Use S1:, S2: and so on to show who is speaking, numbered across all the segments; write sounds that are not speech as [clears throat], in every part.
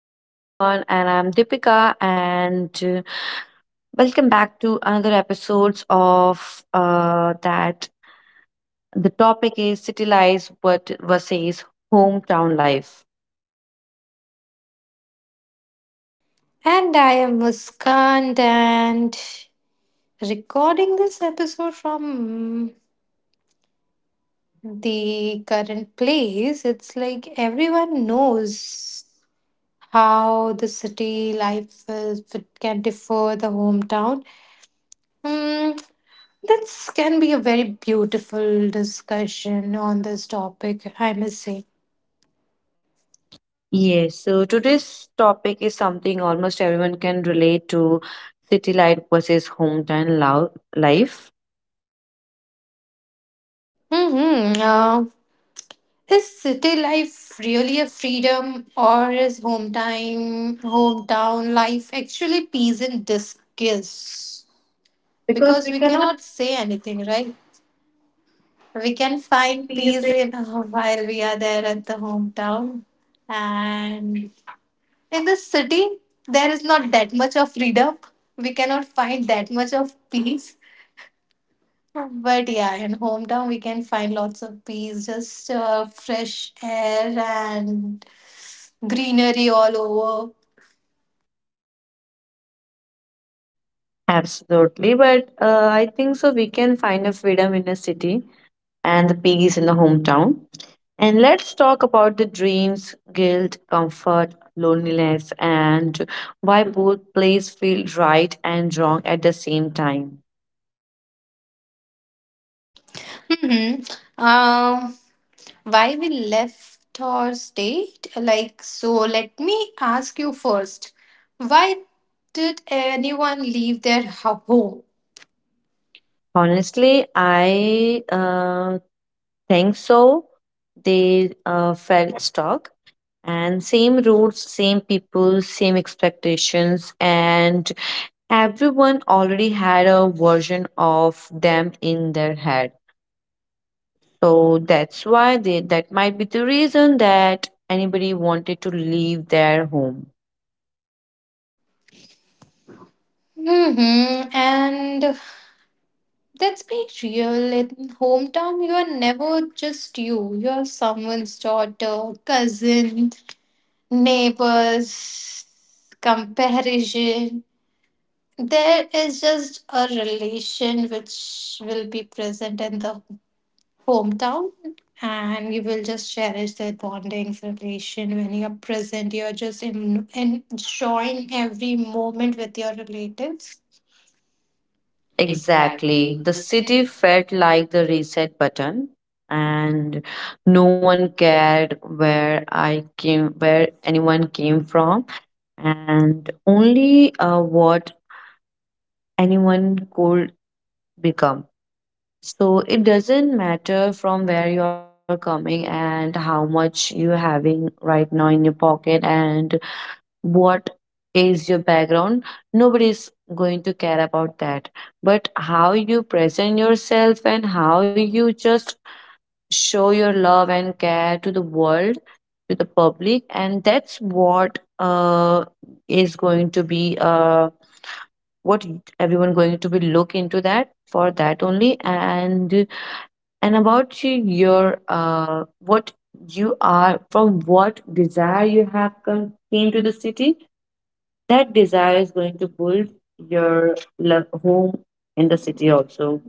S1: Hello, everyone, and I'm Deepika, and welcome back to another episodes of that. The topic is city life but versus hometown life.
S2: And I am Muskan and recording this episode from the current place. It's like everyone knows how the city life is, it can differ the hometown. Mm, this can be a very beautiful discussion on this topic, I must say.
S1: Yes, so today's topic is something almost everyone can relate to: city life versus hometown life.
S2: Mm-hmm. Is city life really a freedom or is hometown life actually peace in disguise?
S1: Because
S2: Because
S1: we
S2: we
S1: cannot
S2: cannot say anything, right? We can
S1: find
S2: find
S1: peace.
S2: peace
S1: in-
S2: in [laughs] while we are there at the hometown. And in the city there is not that much of freedom. We cannot find that much of peace. But yeah, in hometown we can find lots of peace, just fresh air and greenery all over.
S1: Absolutely, but I think so. We can find a freedom in a city and the peace in the hometown. And let's talk about the dreams, guilt, comfort, loneliness, and why both plays feel right and wrong at the same time.
S2: hmm Um, why we left or stayed? Like, so let me ask you first. Why did anyone leave their home?
S1: Honestly, I think so. They felt stuck, and same roots, same people, same expectations, and everyone already had a version of them in their head. So that might be the reason that anybody wanted to leave their home.
S2: Mm-hmm. And let's be real. In hometown, you are never just you. You are someone's daughter, cousin, neighbors, comparison. There is just a relation which will be present in the hometown, and you will just cherish that bonding relation when you're present. You're just in enjoying every moment with your relatives.
S1: Exactly.
S2: Exactly.
S1: The
S2: The city.
S1: city felt like the reset button and no one cared where anyone came from and only what anyone could become. So it doesn't matter from where you're coming and how much you're having right now in your pocket, and what is your background. Nobody is going to care about that, but how you present yourself and how you just show your love and care to the world, to the public, and that's what is going to be, what everyone going to be look into, that for that only. And about you, your, what you are, from what desire you have come came to the city, that desire is going to build your home in the city also.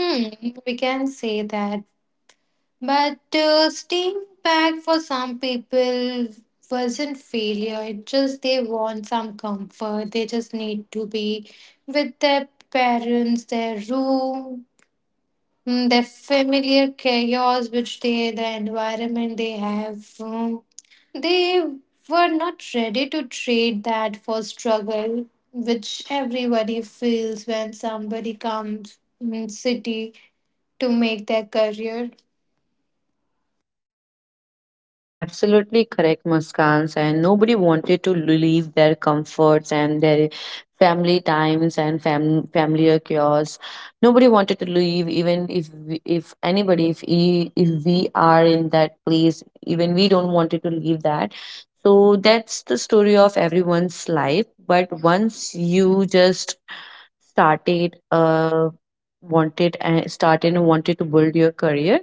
S2: Hmm, we can say that. But staying back for some people wasn't failure. It just they want some comfort. They just need to be with their parents, their room, their familiar chaos, which they, the environment they have. They were not ready to trade that for struggle, which everybody feels when somebody comes in city to make their career.
S1: Absolutely correct, Muskans. And nobody wanted to leave their comforts and their family times and familiar chaos. Nobody wanted to leave, even if we are in that place, even we don't wanted to leave that. So that's the story of everyone's life. But once you just started, wanted and started and wanted to build your career,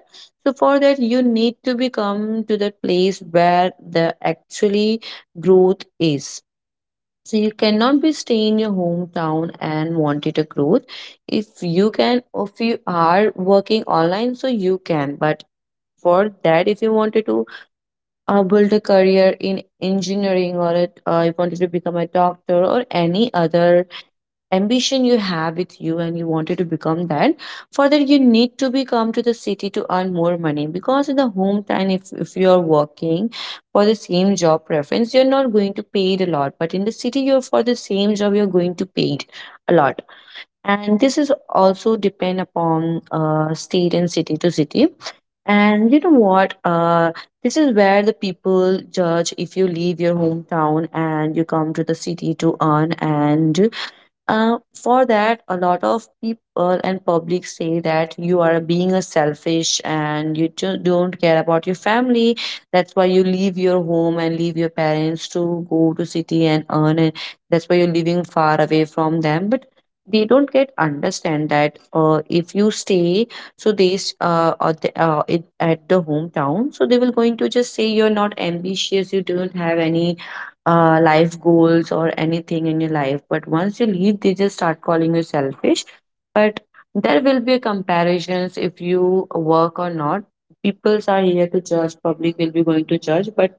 S1: so for that, you need to become to the place where the actually growth is. So you cannot be stay in your hometown and wanted a growth. If you can, if you are working online, so you can. But for that, if you wanted to build a career in engineering or it, you wanted to become a doctor or any other ambition you have with you and you wanted to become that further, you need to be come to the city to earn more money. Because in the hometown, if you are working for the same job preference, you're not going to pay it a lot, but in the city, you're for the same job, you're going to pay it a lot. And this is also depend upon state and city to city. And you know what, this is where the people judge. If you leave your hometown and you come to the city to earn, and for that, a lot of people and public say that you are being a selfish and you just don't care about your family. That's why you leave your home and leave your parents to go to city and earn, and that's why you're living far away from them. But they don't get understand that, if you stay, so they s- or the, it, at the hometown, so they will going to just say you're not ambitious, you don't have any life goals or anything in your life. But once you leave, they just start calling you selfish. But there will be comparisons if you work or not. Peoples are here to judge, public will be going to judge, but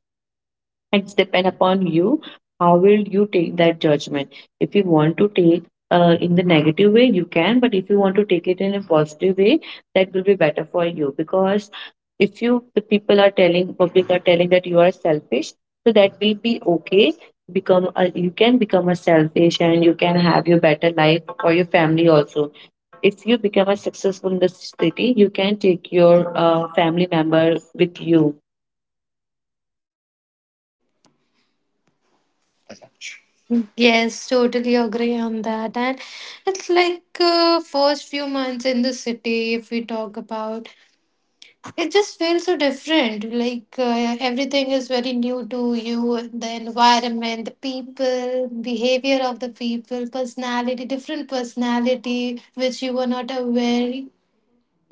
S1: it's depend upon you. How will you take that judgment? If you want to take, in the negative way, you can. But if you want to take it in a positive way, that will be better for you. Because if you, the people are telling, public are telling that you are selfish, so that will be okay. Become a, you can become a selfish, and you can have your better life for your family also. If you become a successful in the city, you can take your family member with you.
S2: Yes, totally agree on that. And it's like first few months in the city, if we talk about, it just feels so different. Like everything is very new to you, the environment, the people, behavior of the people, personality, different personality which you were not aware.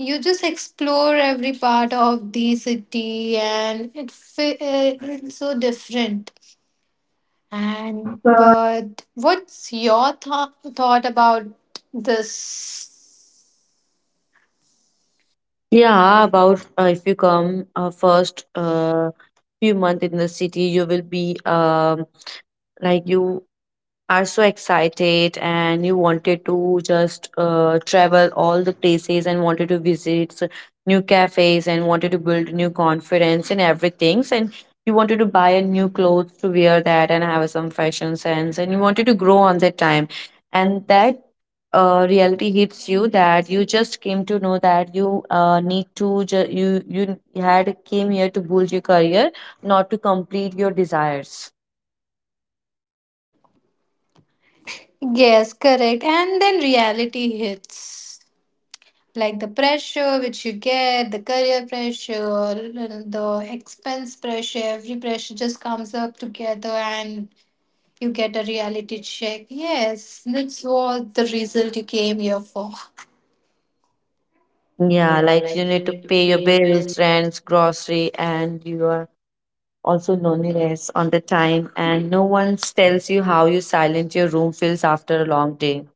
S2: You just explore every part of the city, and it it's so different. And but what's your thought about this?
S1: Yeah, about if you come first few months in the city, you will be, like, you are so excited and you wanted to just travel all the places and wanted to visit new cafes and wanted to build new confidence and everything. And you wanted to buy a new clothes to wear that and have some fashion sense and you wanted to grow on that time. And that, reality hits you that you just came to know that you, you you had came here to build your career, not to complete your desires.
S2: Yes, correct. And then reality hits like the pressure which you get, the career pressure, the expense pressure, every pressure just comes up together and you get a reality check. Yes, that's what the result you came here for.
S1: Yeah,
S2: Yeah,
S1: like you
S2: like you
S1: need to
S2: need to
S1: pay your
S2: pay a bill.
S1: bills, rents, grocery, and you are also loneliness on the time, and no one tells you how you silent your room feels after a long day.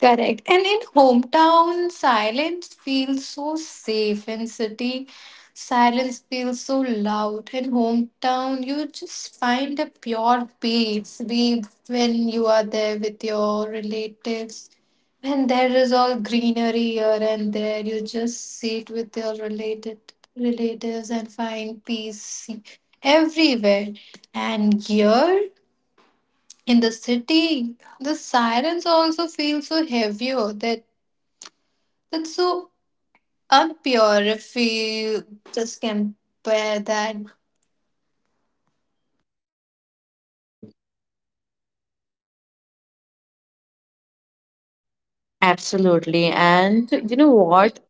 S2: Correct. And in hometown, silence feels so safe. In city, silence feels so loud. In hometown, you just find a pure peace. We, when you are there with your relatives, when there is all greenery here and there, you just sit with your related relatives and find peace everywhere. And here in the city, the sirens also feel so heavier that that's so unpure if we just compare that.
S1: Absolutely. And you know what?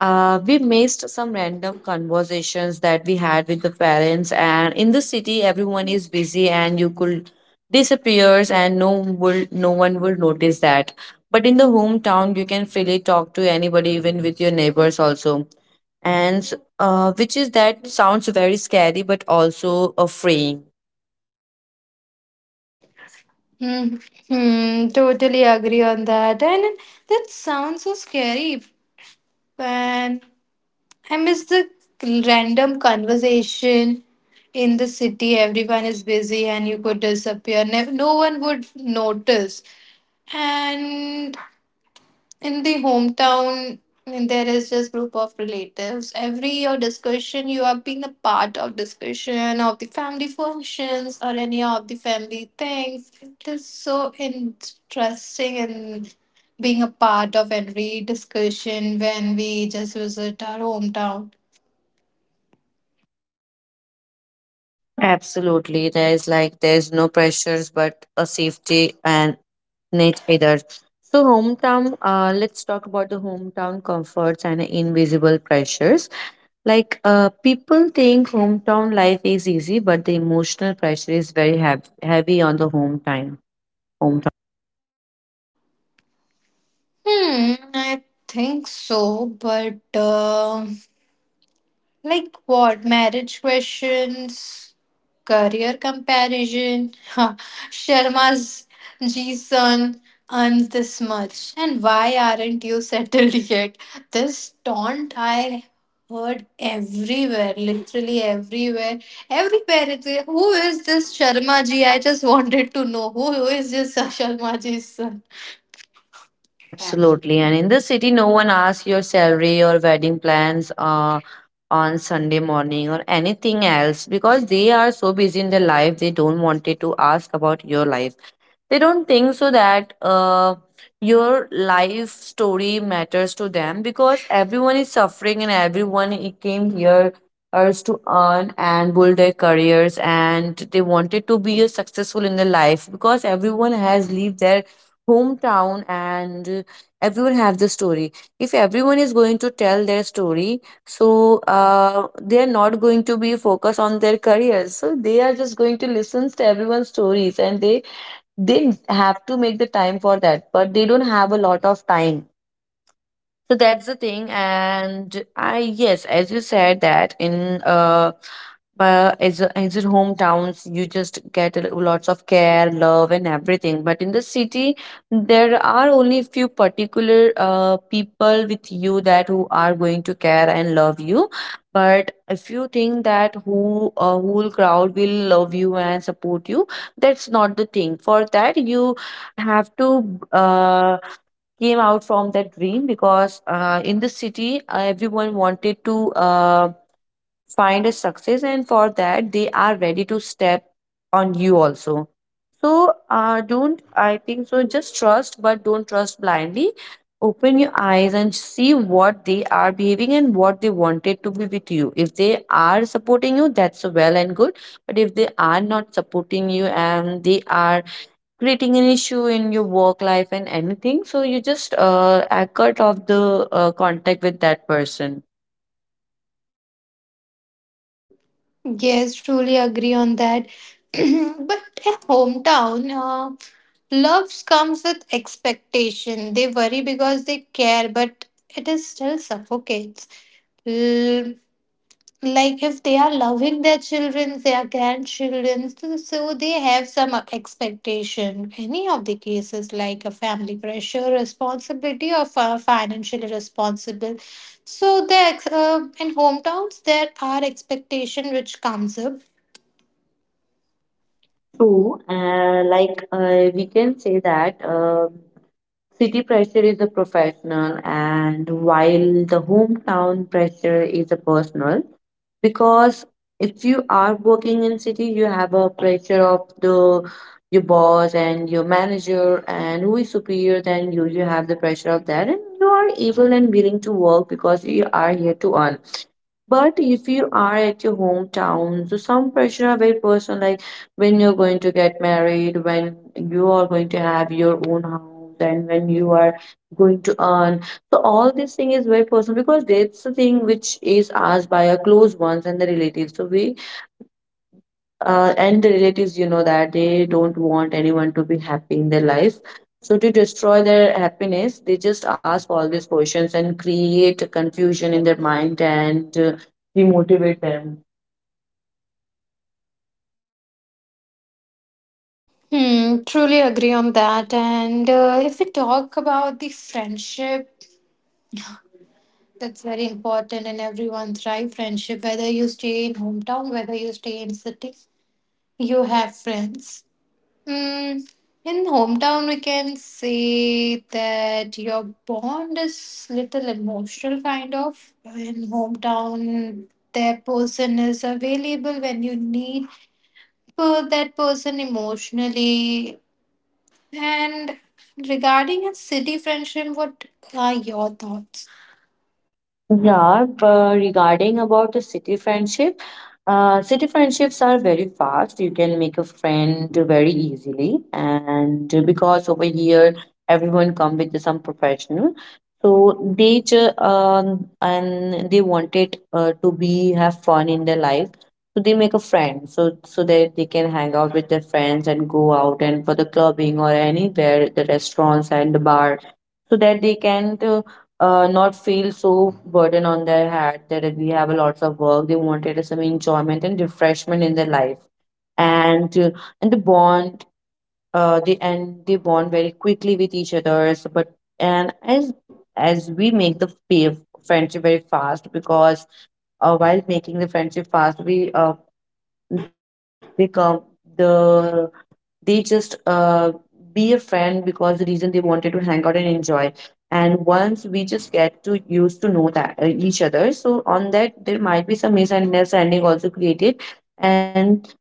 S1: We missed some random conversations that we had with the parents, and in the city, everyone is busy, and you could disappears, and no one will notice that. But in the hometown, you can freely talk to anybody, even with your neighbors also, and which is that sounds very scary, but also a freeing.
S2: Hmm. Totally agree on that. And that sounds so scary. And I miss the random conversation in the city. Everyone is busy and you could disappear. No one would notice. And in the hometown there is just group of relatives every year discussion you have been a part of discussion of the family functions or any of the family things, it is so interesting and being a part of every discussion when we just visit our hometown.
S1: Absolutely, there is like there's no pressures, but a safety and Nate either. So hometown, let's talk about the hometown comforts and invisible pressures. Like people think hometown life is easy, but the emotional pressure is very heavy, heavy on the hometown. Home.
S2: I think so, but like what? Marriage questions, career comparison. [laughs] Sharma's G son earns this much. And why aren't you settled [laughs] yet? This taunt I heard everywhere, literally everywhere. Everywhere. It's like, who is this Sharma ji? I just [laughs] wanted to know who is this [laughs] Sharma ji's son?
S1: Absolutely. And in the city, no one asks your salary or wedding plans on Sunday morning or anything else, because they are so busy in their life, they don't want it to ask about your life. They don't think so that, your life story matters to them, because everyone is suffering and everyone came here us to earn and build their careers, and they wanted to be successful in their life. Because everyone has leave their hometown, and everyone have the story. If everyone is going to tell their story, so they are not going to be focused on their careers, so they are just going to listen to everyone's stories, and they have to make the time for that, but they don't have a lot of time. So that's the thing, and I, yes, as you said that in, but as in hometowns, you just get lots of care, love, and everything. But in the city, there are only few particular people with you that who are going to care and love you. But if you think that who a whole crowd will love you and support you, that's not the thing. For that, you have to uh came out from that dream, because in the city, everyone wanted to, find a success, and for that they are ready to step on you also. So don't I think so, just trust, but don't trust blindly. Open your eyes and see what they are behaving and what they wanted to be with you. If they are supporting you, that's well and good. But if they are not supporting you and they are creating an issue in your work life and anything, so you just cut off the contact with that person.
S2: Yes, truly agree on that. [clears throat] But a hometown loves comes with expectation. They worry because they care, but it is still suffocates, like if they are loving their children their grandchildren so they have some expectation any of the cases like a family pressure responsibility or financially responsible, so there, in hometowns there are expectation which comes up.
S1: True. Like we can say that, city pressure is a professional, and while the hometown pressure is a personal. Because if you are working in city, you have a pressure of the your boss and your manager and who is superior than you, you have the pressure of that, and you are able and willing to work because you are here to earn. But if you are at your hometown, so some pressure are very personal, like when you're going to get married, when you are going to have your own house, and when you are going to earn. So all this thing is very personal, because that's the thing which is asked by our close ones and the relatives. So we, and the relatives, you know that they don't want anyone to be happy in their life, so to destroy their happiness they just ask all these questions and create confusion in their mind, and demotivate them.
S2: Hmm, truly agree on that. And if we talk about the friendship, that's very important in everyone's life. Friendship, whether you stay in hometown, whether you stay in city, you have friends. Mm, in hometown, we can say that your bond is little emotional, kind of. In hometown, that person is available when you need for that person emotionally. And regarding a city friendship, what are your thoughts?
S1: Yeah, but regarding about the city friendship, city friendships are very fast. You can make a friend very easily, and because over here everyone come with some professional, so they ju- and they wanted to be have fun in their life, so they make a friend so that they can hang out with their friends and go out and for the clubbing or anywhere the restaurants and the bar, so that they can. Not feel so burden on their head that we have a lots of work. They wanted some enjoyment and refreshment in their life, and uh, and the bond and they bond very quickly with each other. So, but and as we make the friendship very fast because while making the friendship fast, we become the they just be a friend because the reason they wanted to hang out and enjoy, and once we just get to used to know that each other so on that there might be some misunderstanding also created, and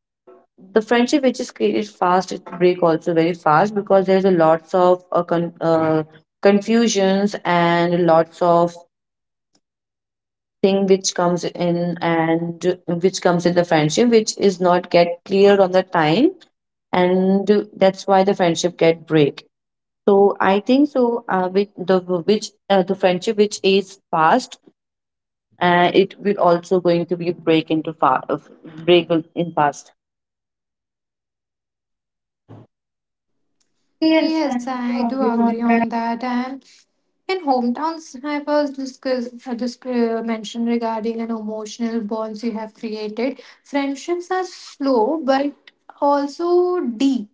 S1: the friendship which is created fast it break also very fast because there's a lots of confusions and lots of thing which comes in and which comes in the friendship which is not get cleared on the time, and that's why the friendship get break. So I think so with the friendship which is past, it will also going to be break into in fast.
S2: Yes, I do agree on that. And in hometowns, I was mentioned regarding an emotional bonds you have created. Friendships are slow but also deep,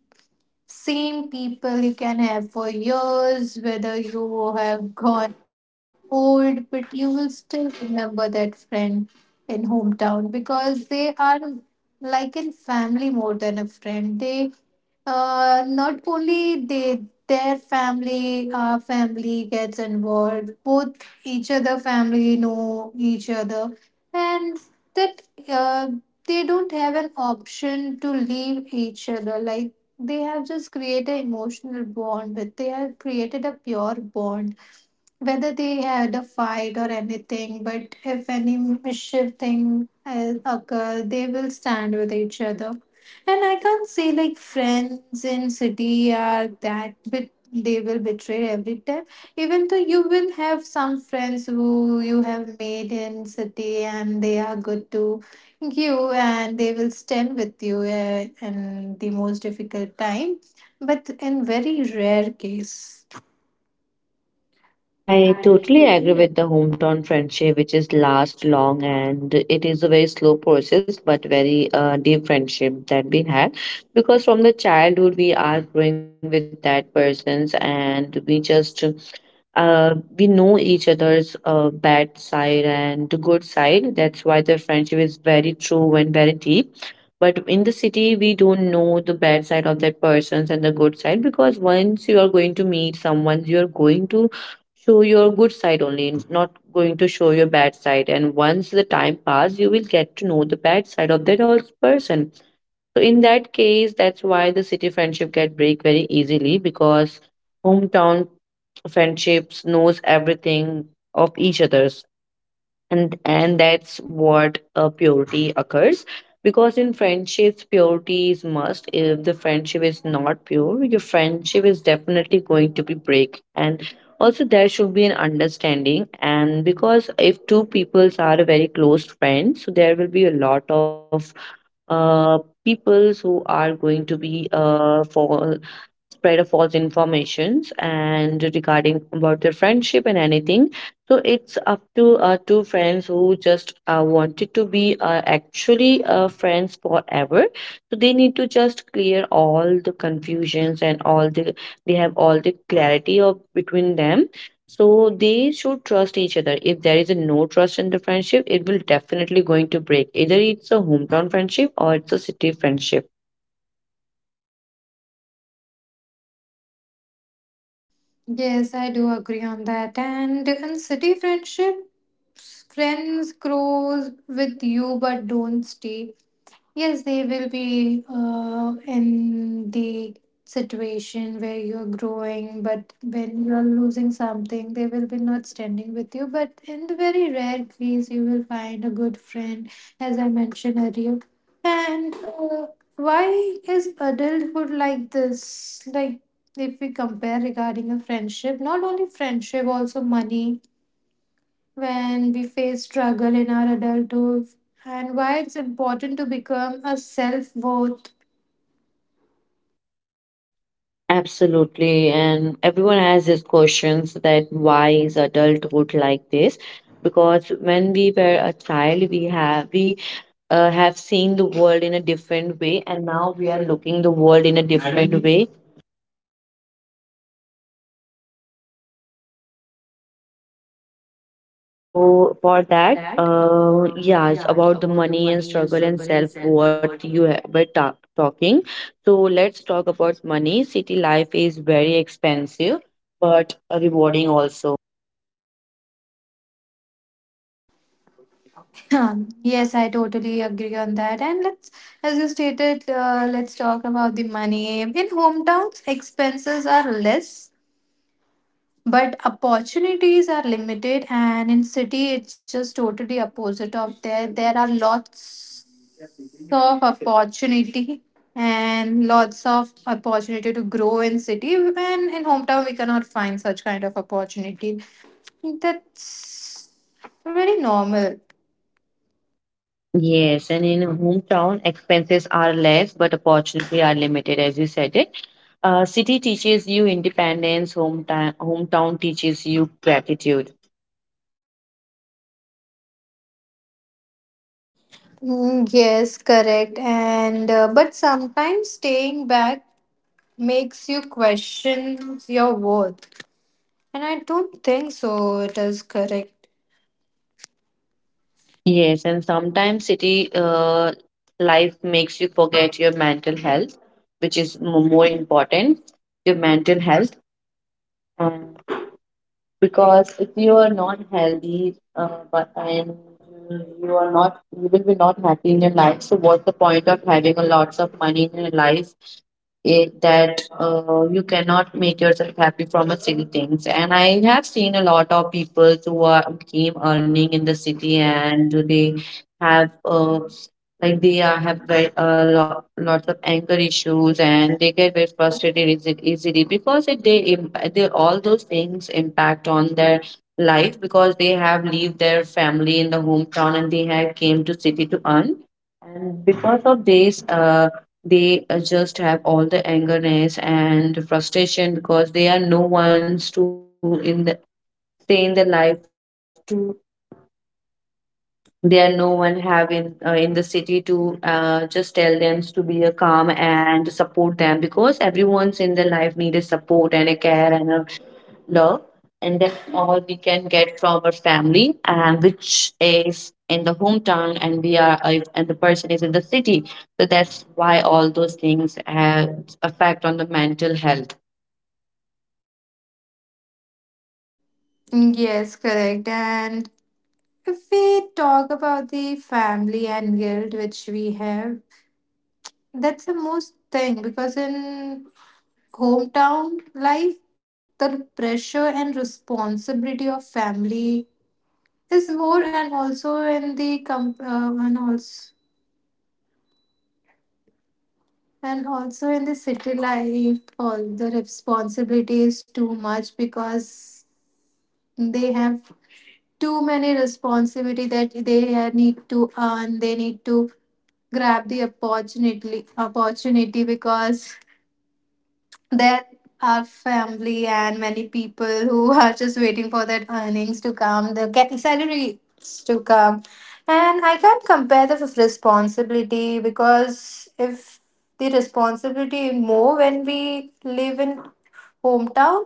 S2: same people you can have for years, whether you have gone old, but you will still remember that friend in hometown because they are like in family more than a friend. They not only they their family, our family gets involved, both each other family know each other, and that they don't have an option to leave each other like they have just created an emotional bond with they have created a pure bond whether they had a fight or anything, but if any mischief thing occur, they will stand with each other. And I can't say like friends in city are that, but they will betray every time. Even though you will have some friends who you have made in city and they are good to you and they will stand with you in the most difficult time, but in very rare case.
S1: I
S2: I
S1: totally agree
S2: totally.
S1: with the hometown friendship, which is last long and it is a very slow process, but very deep friendship that we had. Because from the childhood, we are growing with that persons and we just we know each other's bad side and the good side. That's why the friendship is very true and very deep. But in the city, we don't know the bad side of that persons and the good side because once you are going to meet someone, you are going to show your good side only, not going to show your bad side, and once the time pass you will get to know the bad side of that also person, so in that case that's why the city friendship get break very easily because hometown friendships knows everything of each others, and that's what purity occurs, because in friendships purity is must. If the friendship is not pure your friendship is definitely going to be break, and also there should be an understanding, and because if two peoples are a very close friends, so there will be a lot of peoples who are going to be for spread a false informations and regarding about their friendship and anything. So it's up to two friends who just wanted to be actually friends forever, so they need to just clear all the confusions and all the, they have all the clarity of between them, so they should trust each other. If there is a no trust in the friendship it will definitely going to break, either it's a hometown friendship or it's a city friendship.
S2: Yes, I do agree on that. And in city friendships, friends grows with you but don't stay. Yes, they will be in the situation where you're growing, but when you're losing something, they will be not standing with you. But in the very rare case, you will find a good friend, as I mentioned earlier. And why is adulthood like this? Like, if we compare regarding a friendship, not only friendship, also money when we face struggle in our adulthood and why it's important to become a self worth.
S1: Absolutely. And everyone has these questions that why is adulthood like this? Because when we were a child, we have seen the world in a different way, and now we are looking the world in a different way. So for
S2: On
S1: that,
S2: that,
S1: yeah, it's
S2: yeah,
S1: about the
S2: about the
S1: money and
S2: money and
S1: struggle
S2: struggle
S1: and
S2: and
S1: self
S2: self
S1: worth
S2: worth.
S1: you were talking. So let's talk about money. City life is very expensive, but rewarding also.
S2: Yes, I totally agree on that. And let's, as you stated, let's talk about the money. In hometowns, expenses are less but opportunities are limited, and in city it's just totally opposite of there are lots of opportunity and lots of opportunity to grow in city and in hometown we cannot find such kind of opportunity. That's very normal.
S1: Yes, and in hometown, expenses are less, but opportunity are limited, as you said it. City teaches you independence, hometown teaches you gratitude.
S2: Mm, yes correct, and but sometimes staying back makes you question your worth and I don't think so it is correct.
S1: Yes, and sometimes city life makes you forget your mental health, which is more important, your mental health. Because if you are not healthy but and you are not, you will be not happy in your life, so what's the point of having a lots of money in your life, it that you cannot make yourself happy from a silly things. And I have seen a lot of people who are came earning in the city and they have like they have lots of anger issues and they get very frustrated easily because they all those things impact on their life because they have leave their family in the hometown and they have came to city to earn, and because of this they just have all the angerness and frustration because they are no ones to in the, stay in their life to, there no one have in the city to just tell them to be a calm and support them because everyone's in their life needed support and a care and a love, and that's all we can get from our family, and which is in the hometown and we are and the person is in the city, so that's why all those things have effect on the mental health.
S2: Yes, correct. And if we talk about the family and guilt which we have, that's the most thing because in hometown life, the pressure and responsibility of family is more, and also in the and also in the city life, all the responsibility is too much because they have too many responsibility that they need to earn, they need to grab the opportunity because there are family and many people who are just waiting for that earnings to come, the salaries to come. And I can't compare the responsibility because if the responsibility is more when we live in hometown,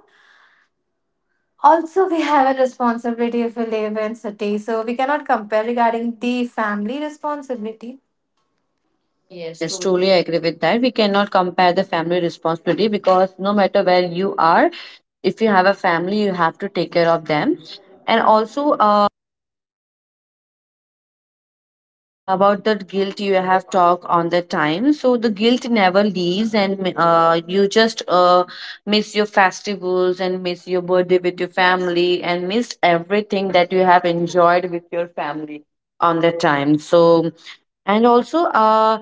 S2: also we have a responsibility if we live in city. So we cannot compare regarding the family responsibility. Yes,
S1: Yes,
S2: true.
S1: truly i agree with that. We cannot compare the family responsibility because no matter where you are, if you have a family you have to take care of them, and also about the guilt you have talked on the time, so the guilt never leaves and you just miss your festivals and miss your birthday with your family and miss everything that you have enjoyed with your family on the time, so and also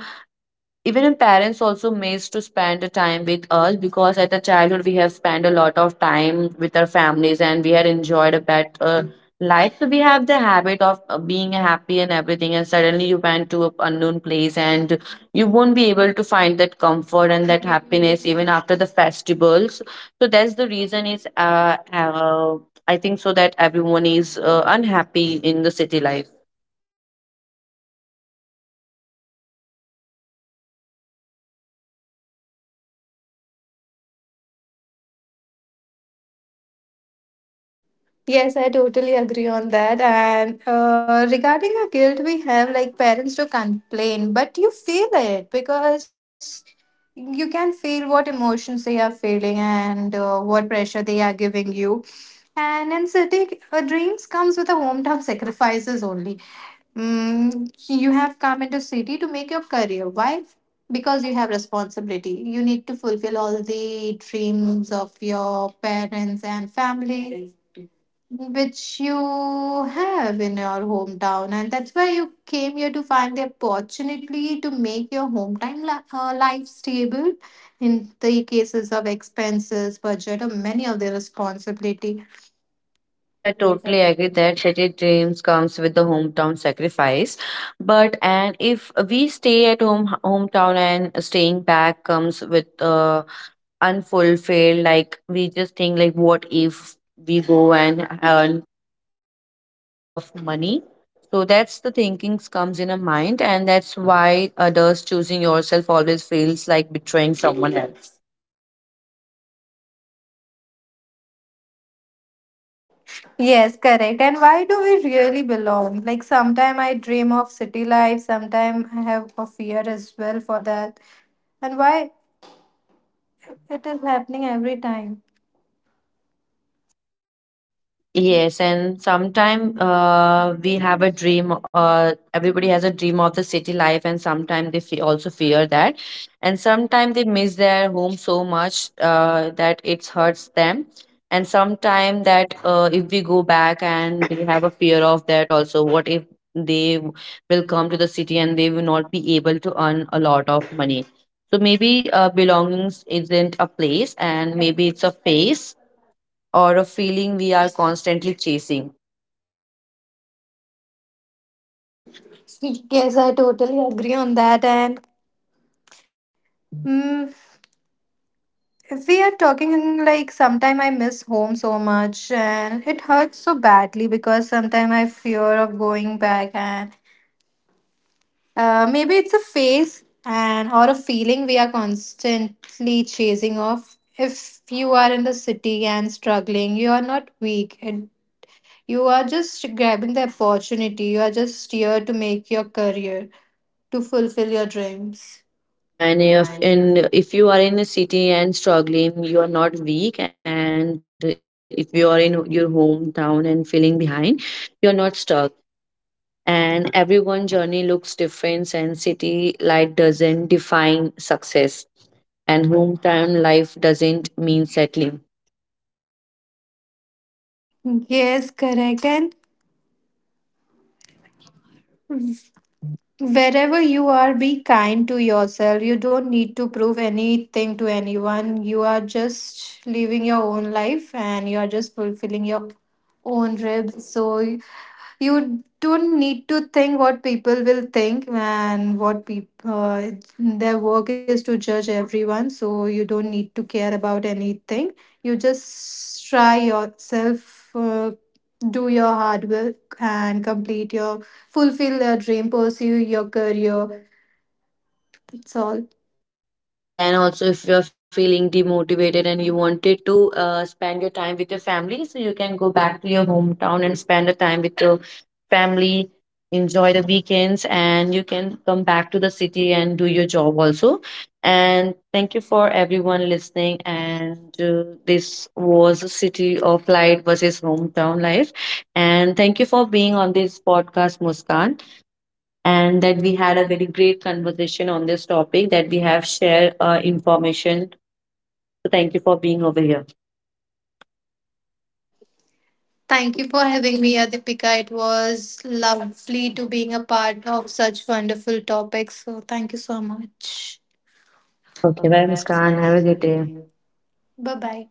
S1: even in parents also amazed to spend the time with us, because at the childhood we have spent a lot of time with our families and we had enjoyed a better life, so we have the habit of being happy and everything, and suddenly you went to an unknown place and you won't be able to find that comfort and that happiness even after the festivals. So that's the reason is I think so that everyone is unhappy in the city life.
S2: Yes, I totally agree on that. And regarding the guilt we have, like parents do complain, but you feel it because you can feel what emotions they are feeling and what pressure they are giving you. And in city, dreams comes with the hometown sacrifices only. Mm, you have come into city to make your career. Why? Because you have responsibility. You need to fulfill all the dreams of your parents and family, which you have in your hometown, and that's why you came here to find the opportunity to make your hometown life stable. In the cases of expenses, budget, or many of the responsibility.
S1: Yes, I totally agree that city dreams comes with the hometown sacrifice. But and if we stay at home hometown and staying back comes with unfulfilled, like we just think like, what if we go and earn a lot of money? So that's the thinkings comes in a mind, and that's why others, choosing yourself always feels like betraying someone else.
S2: Yes, correct. And why do we really belong? Like sometime I dream of city life, sometime I have a fear as well for that. And why it is happening every time?
S1: Yes, and sometime we have a dream. Everybody has a dream of the city life, and sometimes they also fear that, and sometimes they miss their home so much that it hurts them. And sometimes that if we go back and they have a fear of that also. What if they w- will come to the city and they will not be able to earn a lot of money? So maybe belongings isn't a place, and maybe it's a face or a feeling we are constantly chasing.
S2: [laughs] Yes, I totally agree on that. And mm, if we are talking like sometime I miss home so much and it hurts so badly because sometime I fear of going back, and maybe it's a phase and or a feeling we are constantly chasing off. If you are in the city and struggling, you are not weak and you are just grabbing the opportunity. You are just here to make your career, to fulfill your dreams.
S1: Yeah, and
S2: Yeah, and you have.
S1: if you are in a city and struggling, you are not weak. And if you are in your hometown and feeling behind, you're not stuck. And everyone journey looks different, and city life doesn't define success, and hometown life doesn't mean settling.
S2: Yes, correct. And wherever you are, be kind to yourself. You don't need to prove anything to anyone. You are just living your own life and you are just fulfilling your own ribs. So you don't need to think what people will think and what people their work is to judge everyone. So you don't need to care about anything. You just try yourself. Do your hard work and complete your fulfill your dream, pursue your career, that's all.
S1: Yeah, and also if you're feeling demotivated and you wanted to spend your time with your family, so you can go back to your hometown and spend the time with your family, enjoy the weekends, and you can come back to the city and do your job also. And thank you for everyone listening. And this was the city of light versus hometown life. And thank you for being on this podcast, Muskan. And that we had a very great conversation on this topic that we have shared information. So thank you for being over here.
S2: Thank you for having me Adipika, it was lovely to being a part of such wonderful topics, so thank you so much.
S1: Okay,
S2: Okay,
S1: bye,
S2: that's
S1: Muskan.
S2: kind
S1: Have a good
S2: really,
S1: day.
S2: bye bye.